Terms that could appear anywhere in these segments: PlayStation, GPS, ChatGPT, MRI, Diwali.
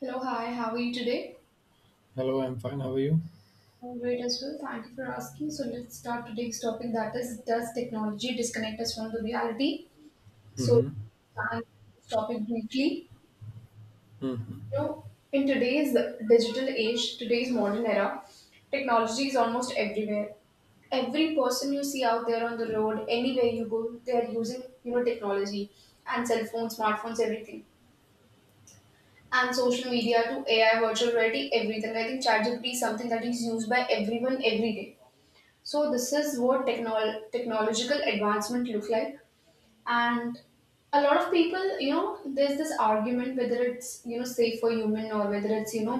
Hello, hi, how are you today? Hello, I'm fine. How are you? I'm great as well. Thank you for asking. So let's start today's topic, that is, does technology disconnect us from the reality? So Mm-hmm. start this topic briefly. Mm-hmm. You know, in today's digital age, today's modern era, technology is almost everywhere. Every person you see out there on the road, anywhere you go, they are using, technology and cell phones, smartphones, everything. And social media to AI, virtual reality, everything. I think ChatGPT is something that is used by everyone every day. So this is what technological advancement look like, and a lot of people, there's this argument whether it's safe for human or whether it's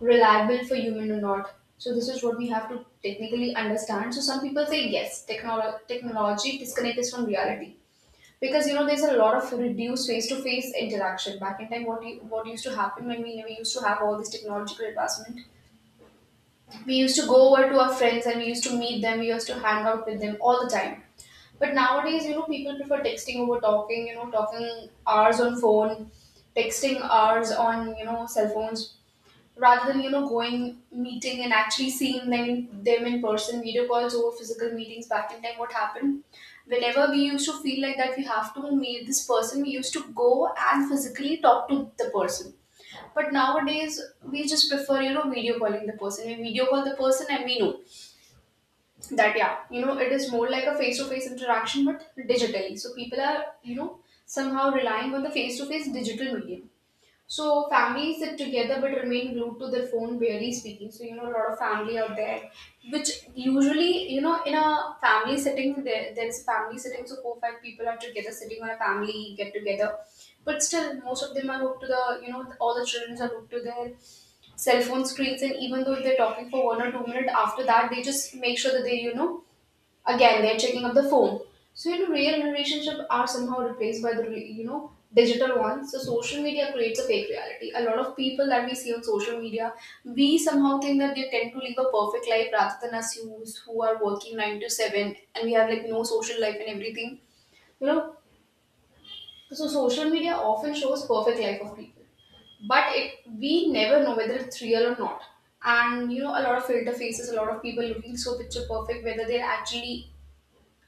reliable for human or not. So this is what we have to technically understand. So some people say yes, technology disconnect us from reality because there's a lot of reduced face-to-face interaction. Back in time, what used to happen when we used to have all this technological advancement, we used to go over to our friends and we used to meet them, we used to hang out with them all the time. But nowadays, people prefer texting over talking, talking hours on phone, texting hours on cell phones, rather than going, meeting, and actually seeing them in person. Video calls over physical meetings. Back in time, what happened, whenever we used to feel like that we have to meet this person, we used to go and physically talk to the person. But nowadays, we just prefer video calling the person. We video call the person, and we know that, yeah, it is more like a face to face interaction, but digitally. So people are, somehow relying on the face to face digital medium. So families sit together but remain glued to their phone, barely speaking. So a lot of family out there, which usually, in a family setting, there is a family setting, so four five people are together sitting on a family get together, but still most of them are hooked to the you know all the children are hooked to their cell phone screens, and even though they're talking for 1 or 2 minutes after that, they just make sure that they, again, they're checking up the phone. So, real relationships are somehow replaced by the digital ones. So social media creates a fake reality. A lot of people that we see on social media, we somehow think that they tend to live a perfect life rather than us, who are working 9 to 7 and we have like no social life and everything. You know, so social media often shows perfect life of people, but it we never know whether it's real or not. And a lot of filter faces, a lot of people looking so picture perfect, whether they're actually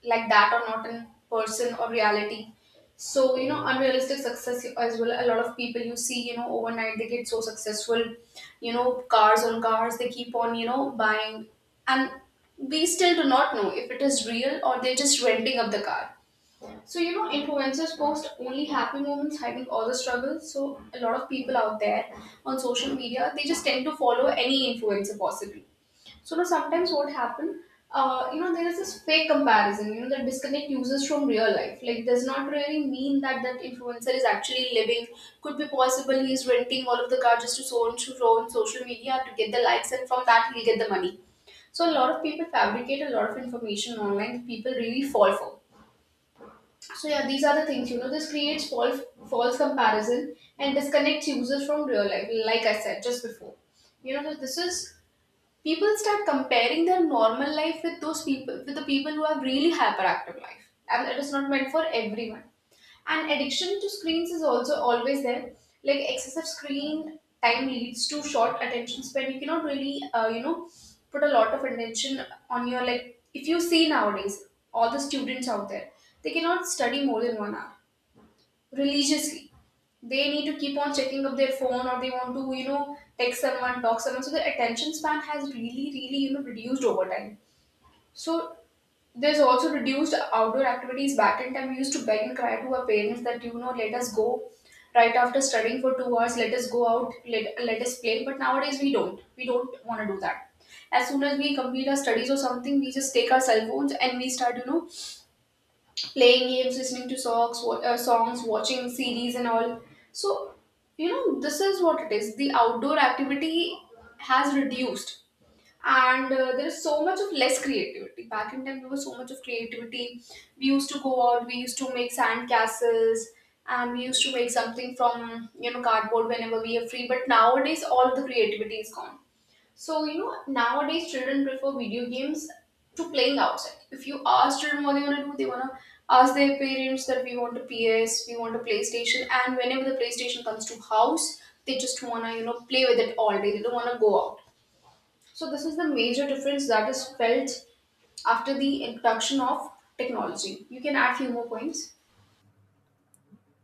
like that or not in person or reality. So unrealistic success as well. A lot of people you see, overnight they get so successful, cars on cars they keep on, buying, and we still do not know if it is real or they're just renting up the car. So influencers post only happy moments, hiding all the struggles. So a lot of people out there on social media, they just tend to follow any influencer possibly. So now sometimes what happen, there is this fake comparison, that disconnect users from real life. Like, does not really mean that that influencer is actually living. Could be possible he is renting all of the car just to so and so on social media to get the likes, and from that he'll get the money. So a lot of people fabricate a lot of information online that people really fall for. So yeah, these are the things. This creates false comparison and disconnects users from real life. Like I said just before. You know, so this is people start comparing their normal life with those people with the people who have really hyperactive life, and it is not meant for everyone. And addiction to screens is also always there. Like, excessive screen time leads to short attention span. You cannot really put a lot of attention on your like, if you see nowadays, all the students out there, they cannot study more than 1 hour religiously. They need to keep on checking up their phone, or they want to, text someone, talk someone. So their attention span has really, really, reduced over time. So there's also reduced outdoor activities. Back in time, we used to beg and cry to our parents that, let us go right after studying for 2 hours, let us go out, let us play. But nowadays, we don't. We don't want to do that. As soon as we complete our studies or something, we just take our cell phones and we start, playing games, listening to songs, songs, watching series and all. So, this is what it is. The outdoor activity has reduced. And there is so much of less creativity. Back in time, there was so much of creativity. We used to go out, we used to make sand castles, and we used to make something from, cardboard whenever we are free. But nowadays, all the creativity is gone. So, nowadays children prefer video games to playing outside. If you ask children what they want to do, they want to ask their parents that we want a PS, we want a PlayStation, and whenever the PlayStation comes to house, they just want to, play with it all day. They don't want to go out. So, this is the major difference that is felt after the introduction of technology. You can add few more points.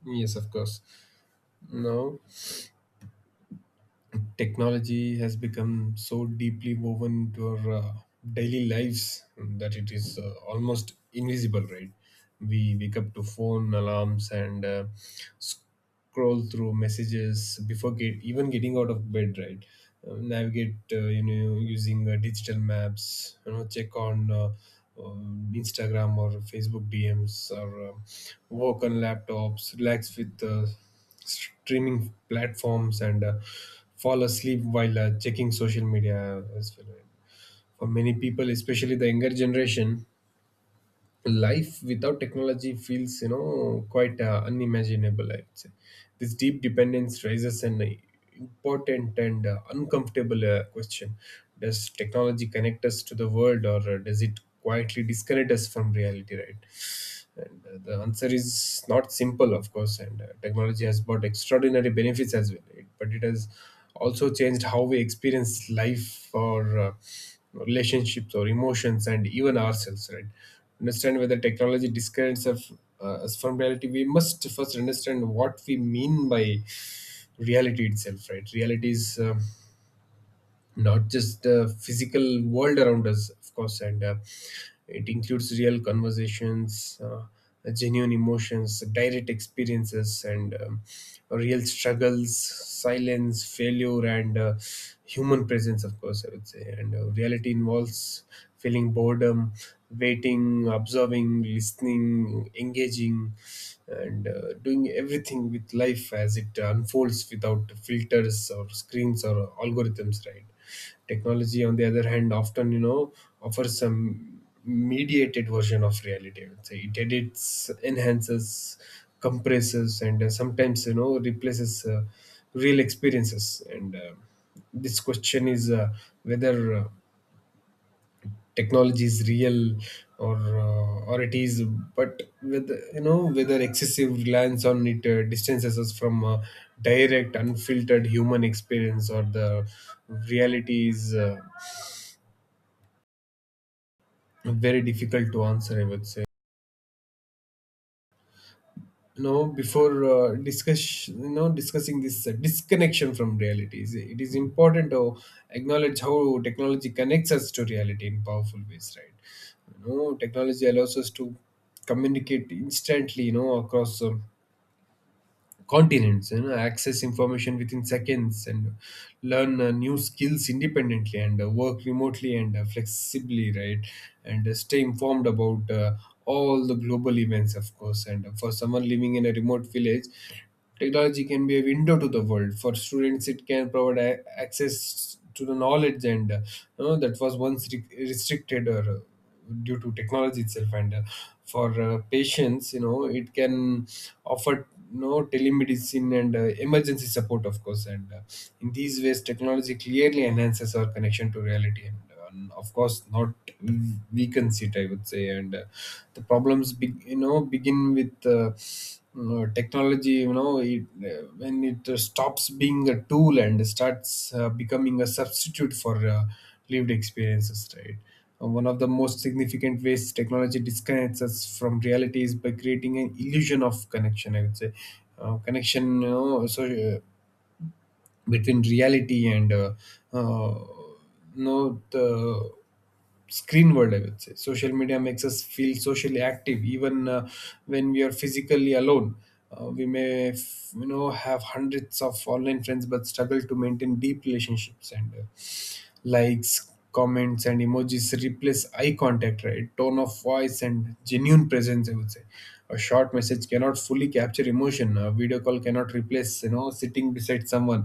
Yes, of course. Now, technology has become so deeply woven into our daily lives that it is almost invisible, right? We wake up to phone alarms and scroll through messages before even getting out of bed, right? Navigate using digital maps, check on Instagram or Facebook DMs, or work on laptops, relax with streaming platforms, and fall asleep while checking social media as well, right? For many people, especially the younger generation, life without technology feels quite unimaginable, I'd say. This deep dependence raises an important and uncomfortable question: does technology connect us to the world, or does it quietly disconnect us from reality, right? And the answer is not simple, of course. And technology has brought extraordinary benefits as well, it, but it has also changed how we experience life, or relationships or emotions, and even ourselves, right? Understand whether technology disconnects us from reality, we must first understand what we mean by reality itself, right? Reality is not just the physical world around us, of course, and it includes real conversations, genuine emotions, direct experiences, and real struggles, silence, failure, and human presence, of course, I would say. And reality involves feeling boredom, waiting, observing, listening, engaging, and doing everything with life as it unfolds, without filters or screens or algorithms, right? Technology, on the other hand, often offers some mediated version of reality, I would say. It edits, enhances, compresses, and sometimes replaces real experiences. And this question is whether technology is real, or or it is, but with whether excessive reliance on it distances us from direct unfiltered human experience, or the reality, is very difficult to answer, I would say. Before discussing this disconnection from reality, it is important to acknowledge how technology connects us to reality in powerful ways, right? Technology allows us to communicate instantly, across continents, access information within seconds, and learn new skills independently, and work remotely and flexibly, right? And stay informed about all the global events, of course. And for someone living in a remote village, technology can be a window to the world. For students, it can provide access to the knowledge and that was once restricted or due to technology itself. And for patients, it can offer telemedicine and emergency support, of course. And in these ways, technology clearly enhances our connection to reality, and of course not weakens it, I would say. And the problems be, you know begin with technology, when it stops being a tool and starts becoming a substitute for lived experiences, right? One of the most significant ways technology disconnects us from reality is by creating an illusion of connection, I would say. Connection you know so Between reality and uh, the screen world, I would say. Social media makes us feel socially active, even when we are physically alone. We may have hundreds of online friends but struggle to maintain deep relationships. And likes, comments, and emojis replace eye contact, right, tone of voice and genuine presence, I would say. A short message cannot fully capture emotion. A video call cannot replace sitting beside someone.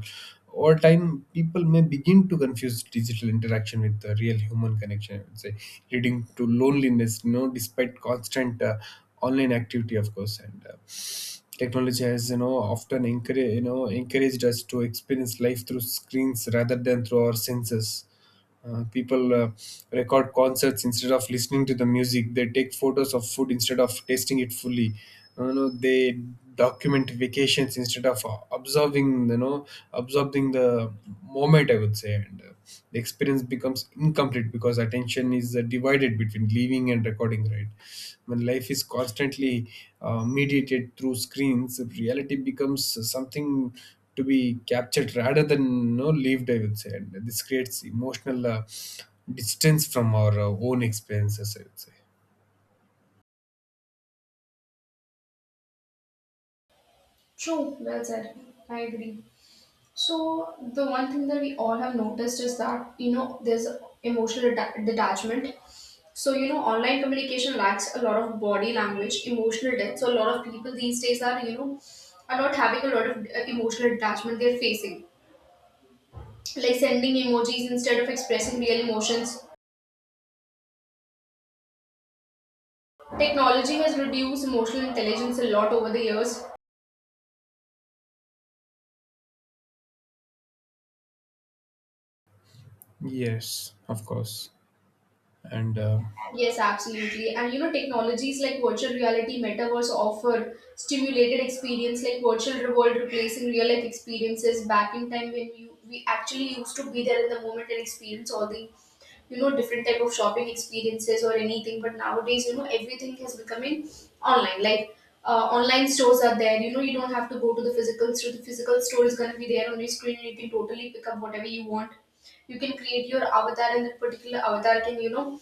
Over time, people may begin to confuse digital interaction with the real human connection, I would say, leading to loneliness, despite constant online activity, of course. And technology has, often encouraged us to experience life through screens rather than through our senses. People record concerts instead of listening to the music. They take photos of food instead of tasting it fully. They documentifications instead of observing you know observing the moment, I would say. And the experience becomes incomplete because attention is divided between leaving and recording, right? When life is constantly mediated through screens, reality becomes something to be captured rather than, lived, I would say. And this creates emotional distance from our own experiences, I would say. True, well said. I agree. So the one thing that we all have noticed is that there's emotional detachment. So online communication lacks a lot of body language, emotional depth. So a lot of people these days are are not having a lot of emotional detachment they're facing, like sending emojis instead of expressing real emotions. Technology has reduced emotional intelligence a lot over the years. Yes, of course. And Yes, absolutely. And technologies like virtual reality, metaverse offer stimulated experience, like virtual world replacing real life experiences. Back in time, when you we actually used to be there in the moment and experience all the different type of shopping experiences or anything. But nowadays, everything is becoming online, like online stores are there. You don't have to go to the physical store. The physical store is going to be there on your screen and you can totally pick up whatever you want. You can create your avatar and that particular avatar can,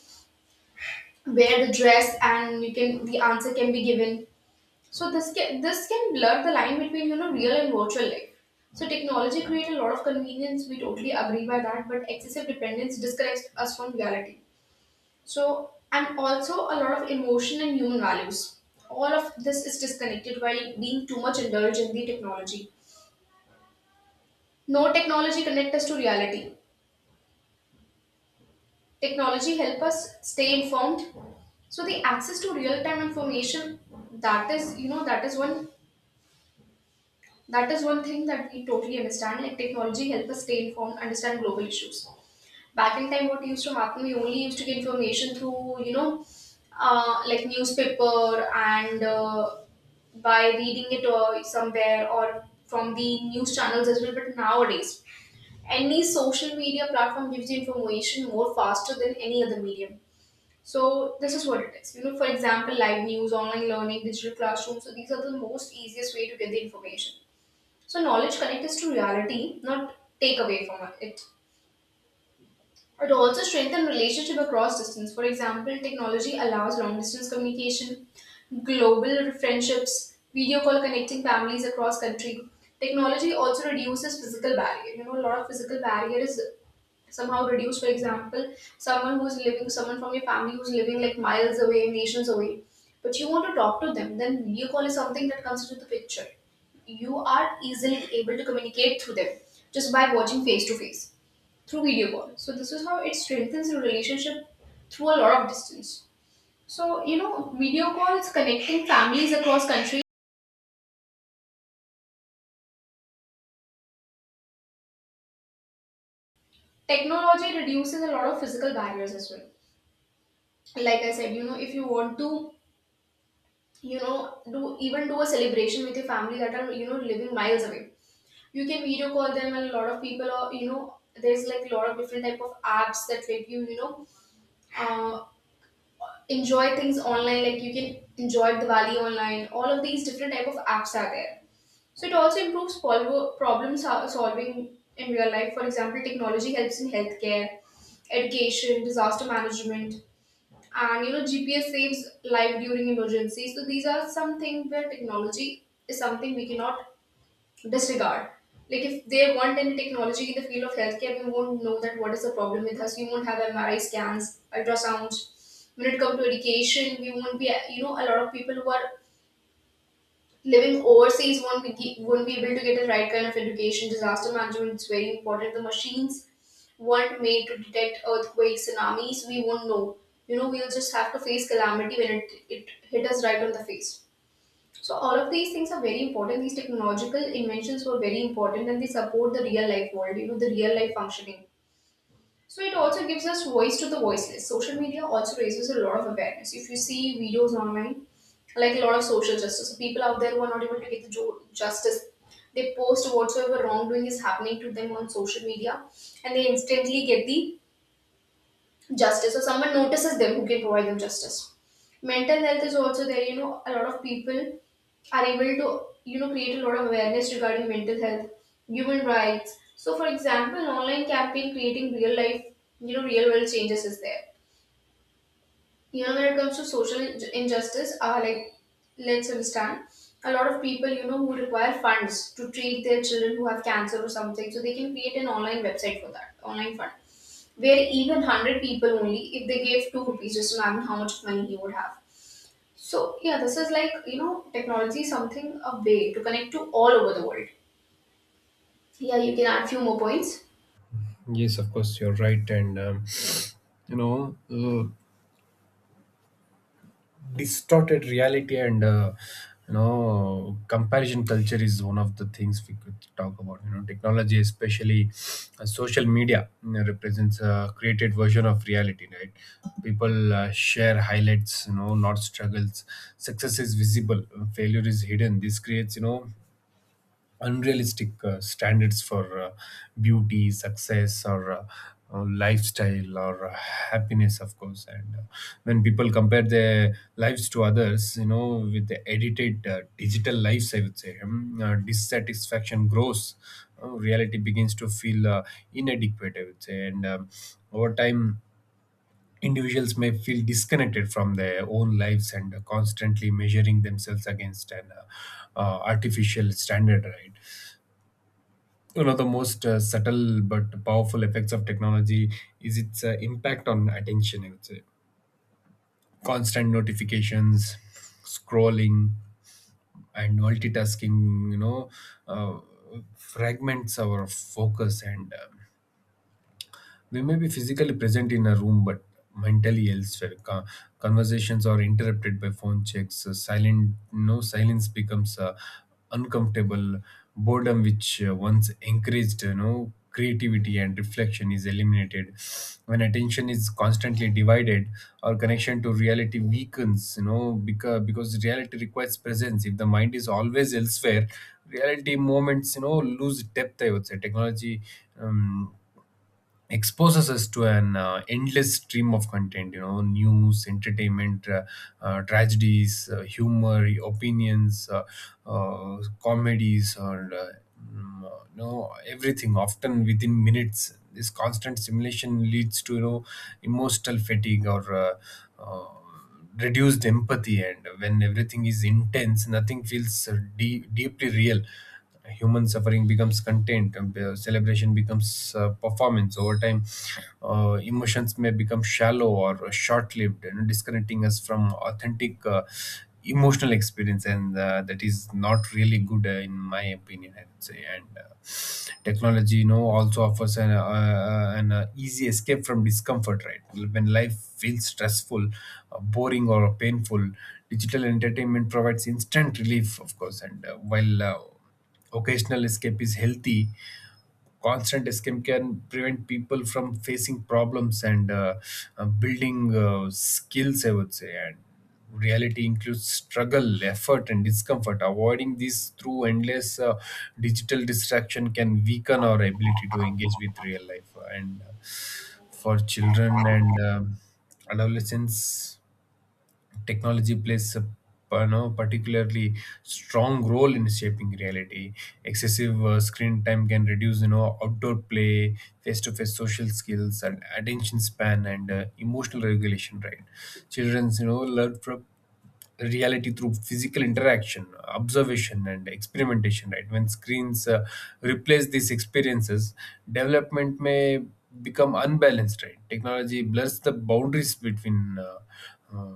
wear the dress and you can the answer can be given. So this can blur the line between real and virtual life. So technology creates a lot of convenience. We totally agree by that, but excessive dependence disconnects us from reality. So, and also a lot of emotion and human values, all of this is disconnected while being too much indulged in the technology. No, technology connect us to reality. Technology help us stay informed. So the access to real time information, that is, that is one thing that we totally understand. Like, technology helps us stay informed, understand global issues. Back in time, what used to happen, we only used to get information through, like newspaper and, by reading it or somewhere or from the news channels as well. But nowadays, any social media platform gives you information more faster than any other medium. So this is what it is. For example, live news, online learning, digital classrooms. So these are the most easiest way to get the information, so knowledge connects us to reality, not take away from it. It also strengthens relationship across distance. For example, technology allows long distance communication, global friendships, video call connecting families across country. Technology also reduces physical barrier. You know, a lot of physical barrier is somehow reduced. For example, someone who's living, someone from your family who's living like miles away, nations away, but you want to talk to them, then video call is something that comes into the picture. You are easily able to communicate through them just by watching face to face through video call. So this is how it strengthens your relationship through a lot of distance. So you know, video calls connecting families across countries. Technology reduces a lot of physical barriers as well. Like I said, you know, if you want to, you know, do, even do a celebration with your family that are, you know, living miles away, you can video call them. And a lot of people are, you know, there's like a lot of different type of apps that let you, you know, uh, enjoy things online. Like you can enjoy Diwali online. All of these different type of apps are there. So it also improves problem solving in real life. For example, technology helps in healthcare, education, disaster management. And you know, GPS saves life during emergencies. So these are something where technology is something we cannot disregard. Like if they want any technology in the field of healthcare, we won't know that what is the problem with us. We won't have MRI scans, ultrasounds. When it comes to education, we won't be, you know, a lot of people who are living overseas won't be, won't be able to get the right kind of education. Disaster management is very important. The machines weren't made to detect earthquakes, tsunamis. We won't know. You know, we'll just have to face calamity when it hit us right on the face. So all of these things are very important. These technological inventions were very important, and they support the real life world. You know, the real life functioning. So it also gives us voice to the voiceless. Social media also raises a lot of awareness. If you see videos online, like a lot of social justice, so people out there who are not able to get the justice, they post whatsoever wrongdoing is happening to them on social media, and they instantly get the justice, or someone notices them who can provide them justice. Mental health is also there. You know, a lot of people are able to, you know, create a lot of awareness regarding mental health, human rights. So for example, an online campaign creating real life, you know, real world changes is there. You know, when it comes to social injustice, like, let's understand, a lot of people, you know, who require funds to treat their children who have cancer or something, so they can create an online website for that, online fund, where even 100 people, only if they gave 2 rupees, just imagine how much money he would have. So yeah, this is like, you know, technology is something, a way to connect to all over the world. Yeah, you can add few more points. yes, of course, you're right. And you know, uh, distorted reality and comparison culture is one of the things we could talk about. You know, technology, especially social media, represents a created version of reality, right? People share highlights, not struggles. Success is visible, failure is hidden. This creates, unrealistic standards for beauty, success, or lifestyle or happiness, of course. And when people compare their lives to others, with the edited digital lives, I would say, dissatisfaction grows. Reality begins to feel inadequate, I would say, and over time, individuals may feel disconnected from their own lives and constantly measuring themselves against an artificial standard, right? One of the most subtle but powerful effects of technology is its impact on attention, I would say. Constant notifications, scrolling, and multitasking, uh, fragments our focus. And we may be physically present in a room, but mentally elsewhere. Conversations are interrupted by phone checks. Silent, no Silence becomes uncomfortable. Boredom, which once encouraged, creativity and reflection, is eliminated. When attention is constantly divided, our connection to reality weakens, because reality requires presence. If the mind is always elsewhere, reality moments, lose depth, I would say. Technology, Um, exposes us to an endless stream of content, news, entertainment, tragedies, humor, opinions, comedies, or everything, often within minutes. This constant stimulation leads to, emotional fatigue or uh, reduced empathy. And when everything is intense, nothing feels deeply real. Human suffering becomes content and celebration becomes performance. Over time, emotions may become shallow or short-lived, and disconnecting us from authentic emotional experience. And that is not really good in my opinion, I would say. And technology, also offers an easy escape from discomfort, right? When life feels stressful, boring or painful, digital entertainment provides instant relief, of course. And while occasional escape is healthy, constant scam can prevent people from facing problems and building skills, I would say. And reality includes struggle, effort, and discomfort. Avoiding these through endless digital distraction can weaken our ability to engage with real life. And for children and adolescents, technology plays a, particularly strong role in shaping reality. Excessive screen time can reduce, outdoor play, face-to-face social skills, and attention span, and emotional regulation, right? Childrens, learn from reality through physical interaction, observation, and experimentation, right? When screens replace these experiences, development may become unbalanced, right? Technology blurs the boundaries between. Uh, uh,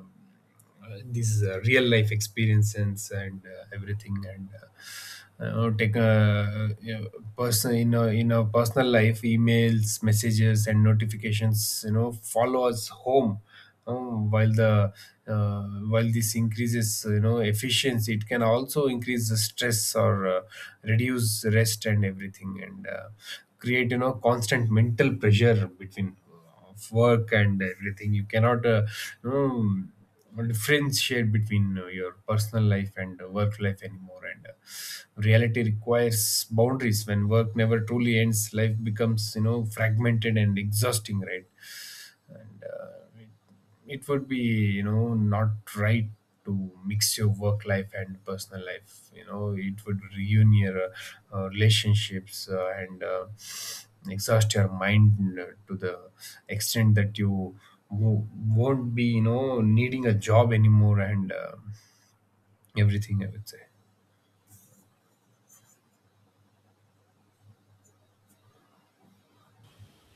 uh, These real life experiences and everything. And take a person in our personal life. Emails, messages, and notifications, follow us home. um, while the while this increases, efficiency, it can also increase the stress or reduce rest and everything. And create, constant mental pressure between of work and everything. You cannot you differentiate between your personal life and work life anymore. And reality requires boundaries. When work never truly ends, life becomes, fragmented and exhausting, right? And it would be, not right to mix your work life and personal life. You know, it would ruin your relationships, and exhaust your mind to the extent that you wo- won't be, needing a job anymore and everything, I would say.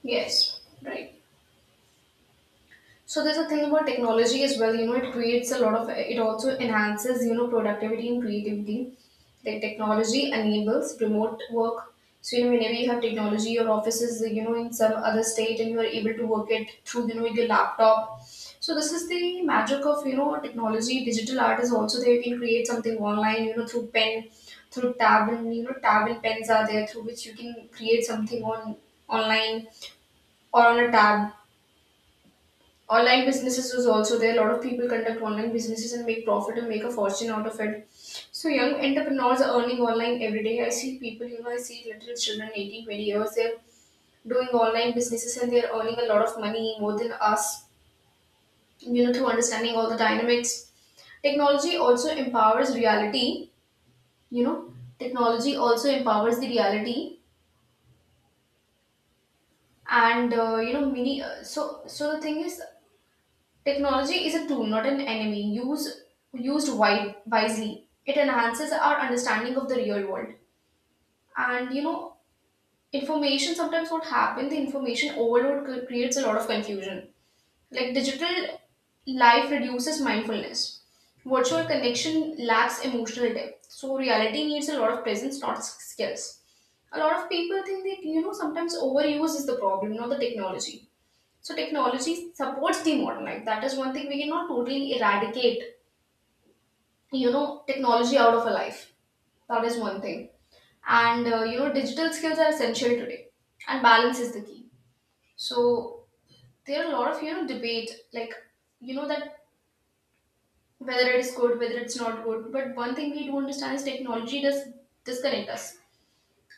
Yes. Right. So there's a thing about technology as well. You know, it creates a lot of. It also enhances, you know, productivity and creativity. The technology enables remote work. So you know, whenever you have technology, your office is, you know, in some other state, and you are able to work it through, you know, your laptop. So this is the magic of, you know, technology. Digital art is also there. You can create something online. You know, through pen, through tab, and you know, tab and pens are there through which you can create something on online or on a tab. Online businesses was also there. A lot of people conduct online businesses and make profit and make a fortune out of it. So young entrepreneurs are earning online every day. I see people, you know, I see little children, 18, 20 years, they're doing online businesses and they're earning a lot of money more than us, you know, through understanding all the dynamics. Technology also empowers reality, you know, technology also empowers the reality, and you know, many so the thing is, technology is a tool, not an enemy. Used wisely, it enhances our understanding of the real world. And you know, information, sometimes what happens, the information overload creates a lot of confusion. Like digital life reduces mindfulness. Virtual connection lacks emotional depth. So reality needs a lot of presence, not skills. A lot of people think that, you know, sometimes overuse is the problem, not the technology. So technology supports the modern life. That is one thing we cannot totally eradicate, you know, technology out of a life. That is one thing. And you know, digital skills are essential today, and balance is the key. So there are a lot of, you know, debate, like, you know, that whether it is good, whether it's not good. But one thing we do understand is technology does disconnect us,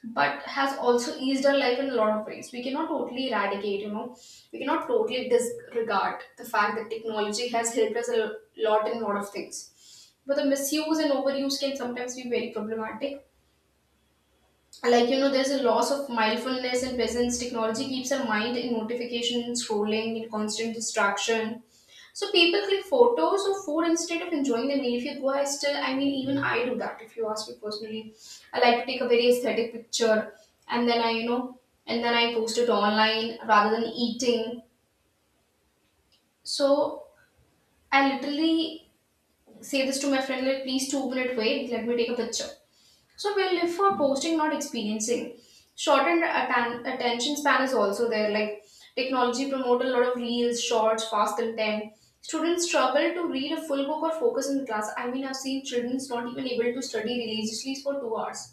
but has also eased our life in a lot of ways. We cannot totally eradicate, you know, we cannot totally disregard the fact that technology has helped us a lot in a lot of things. But the misuse and overuse can sometimes be very problematic. Like you know, there's a loss of mindfulness and presence. Technology keeps our mind in notification, scrolling, in constant distraction. So people click photos of food instead of enjoying the meal. If you go, I still, I mean, even I do that. If you ask me personally, I like to take a very aesthetic picture, and then I, you know, and then I post it online rather than eating. So I literally say this to my friend, like, please, 2 minute wait, let me take a picture. So we live for posting, not experiencing. Shortened attention span is also there. Like technology promote a lot of reels, shorts, fast content. Students struggle to read a full book or focus in the class. I mean, I've seen children's not even able to study religiously for 2 hours.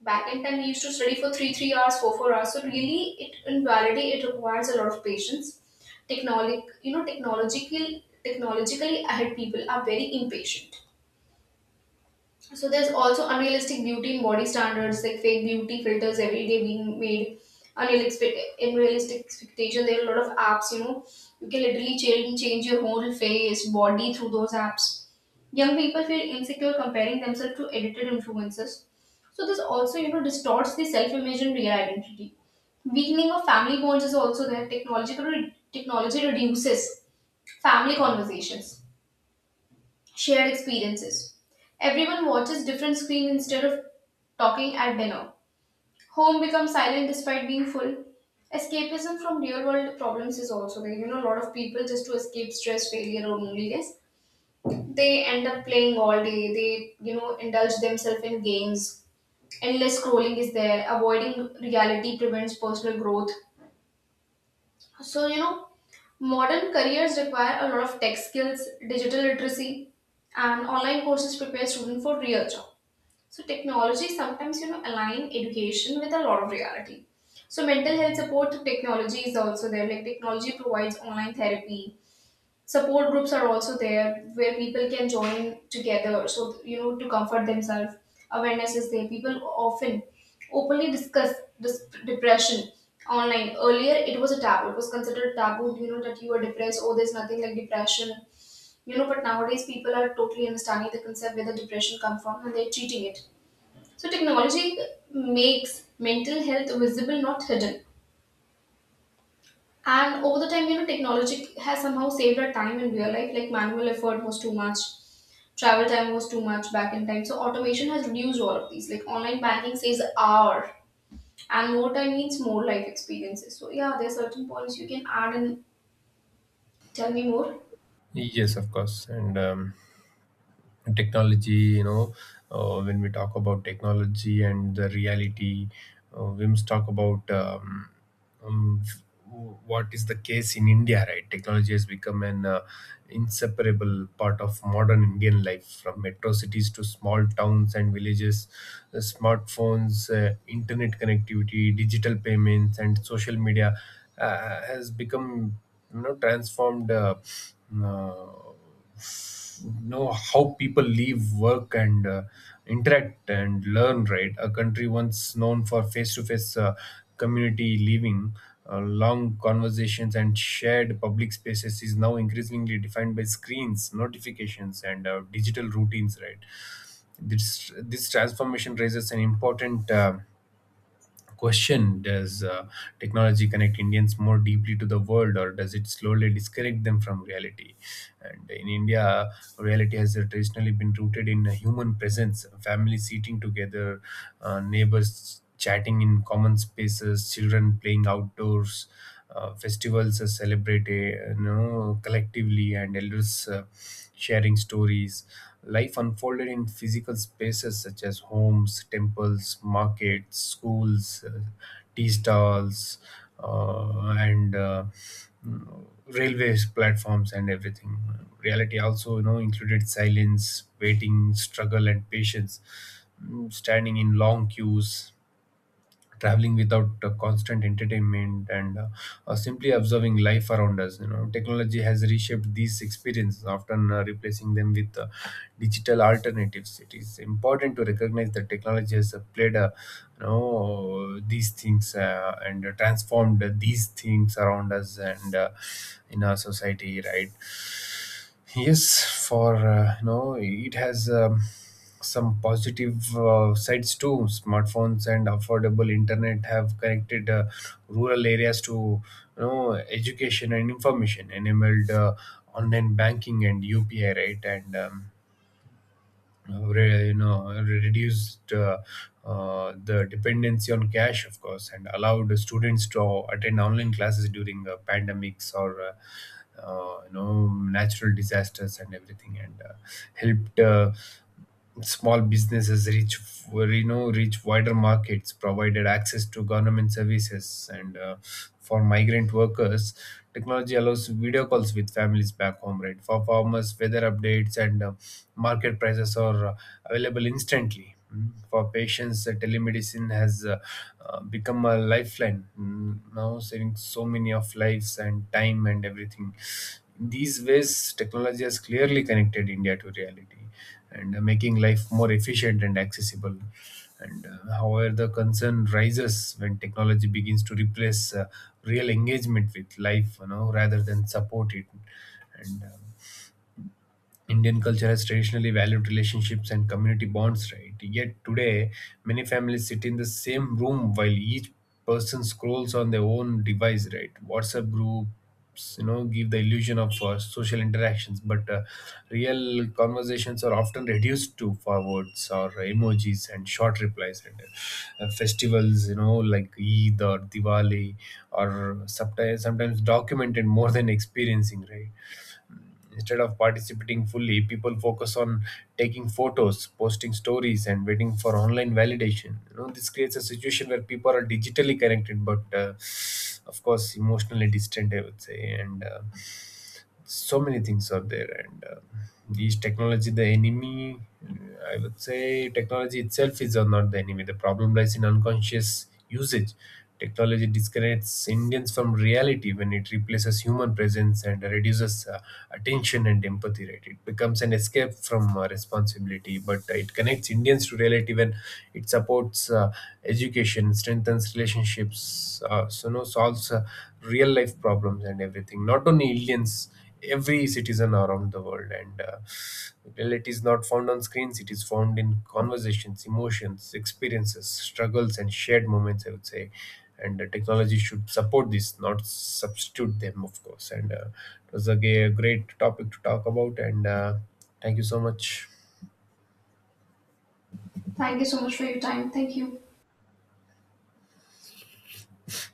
Back in time, we used to study for 3 hours, 4 hours. So really, it, in reality, it requires a lot of patience. Technologic, you know, technological, technologically ahead people are very impatient. So there's also unrealistic beauty and body standards, like fake beauty filters every day being made, unrealistic, unrealistic expectation. There are a lot of apps, you know, you can literally change your whole face, body through those apps. Young people feel insecure comparing themselves to edited influencers. So this also, you know, distorts the self-image and real identity. Weakening of family bonds is also there. Technological Technology reduces family conversations, shared experiences. Everyone watches different screen instead of talking at dinner. Home becomes silent despite being full. Escapism from real world problems is also there. You know, a lot of people, just to escape stress, failure, or loneliness, they end up playing all day. They, you know, indulge themselves in games. Endless scrolling is there. Avoiding reality prevents personal growth. So, you know, modern careers require a lot of tech skills, digital literacy, and online courses prepare students for real job. So, technology sometimes, you know, align education with a lot of reality. So, mental health support technology is also there. Like, technology provides online therapy. Support groups are also there where people can join together, so, you know, to comfort themselves. Awareness is there. People often openly discuss this depression online. Earlier, it was a taboo. It was considered taboo, you know, that you are depressed. Oh, there's nothing like depression. You know, but nowadays people are totally understanding the concept where the depression comes from and they're treating it. So technology makes mental health visible, not hidden. And over the time, you know, technology has somehow saved our time in real life. Like manual effort was too much, travel time was too much back in time. So automation has reduced all of these. Like online banking saves hour, and more time means more life experiences. So yeah, there are certain points you can add and tell me more. Yes, of course, and. Technology, when we talk about technology and the reality, we must talk about um, what is the case in India, right? Technology has become an inseparable part of modern Indian life. From metro cities to small towns and villages, the smartphones, internet connectivity, digital payments, and social media has become, transformed, uh, know how people live, work, and interact and learn. Right, a country once known for face-to-face, community living, long conversations, and shared public spaces is now increasingly defined by screens, notifications, and digital routines. Right, this transformation raises an important, question. Does technology connect Indians more deeply to the world, or does it slowly disconnect them from reality? And in India, reality has traditionally been rooted in a human presence. Families sitting together, neighbors chatting in common spaces, children playing outdoors, festivals are celebrated collectively, and elders sharing stories. Life unfolded in physical spaces such as homes, temples, markets, schools, tea stalls, uh, and uh, railways platforms, and everything. Reality also, included silence, waiting, struggle, and patience. Standing in long queues, traveling without constant entertainment, and simply observing life around us. You know, technology has reshaped these experiences, often replacing them with digital alternatives. It is important to recognize that technology has played a, these things, and transformed these things around us and in our society, right? Yes, for it has, some positive sides too. Smartphones and affordable internet have connected rural areas to, education and information, enabled online banking and UPI, right? And reduced the dependency on cash, of course, and allowed students to attend online classes during pandemics or natural disasters and everything, and helped small businesses reach, reach wider markets, provided access to government services, and for migrant workers, technology allows video calls with families back home. Right, for farmers, weather updates and market prices are available instantly. For patients, telemedicine has become a lifeline, now saving so many of lives and time and everything. In these ways, technology has clearly connected India to reality and, making life more efficient and accessible. And however, the concern rises when technology begins to replace real engagement with life, you know, rather than support it. And Indian culture has traditionally valued relationships and community bonds, right? Yet today, many families sit in the same room while each person scrolls on their own device, right? WhatsApp groups, give the illusion of social interactions, but real conversations are often reduced to forwards or emojis and short replies. And festivals, you know, like Eid or Diwali, or sometimes documented more than experiencing, right? Instead of participating fully, people focus on taking photos, posting stories, and waiting for online validation. You know, this creates a situation where people are digitally connected, but of course, emotionally distant, I would say. And so many things are there, and is technology the enemy? I would say technology itself is not the enemy. The problem lies in unconscious usage. Technology disconnects Indians from reality when it replaces human presence and reduces attention and empathy. Right, it becomes an escape from responsibility, but it connects Indians to reality when it supports education, strengthens relationships, so no solves real life problems and everything. Not only Indians, every citizen around the world. And well, it is not found on screens, it is found in conversations, emotions, experiences, struggles, and shared moments, I would say. And technology should support this, not substitute them, of course. And it was a great topic to talk about, and thank you so much. Thank you so much for your time. Thank you.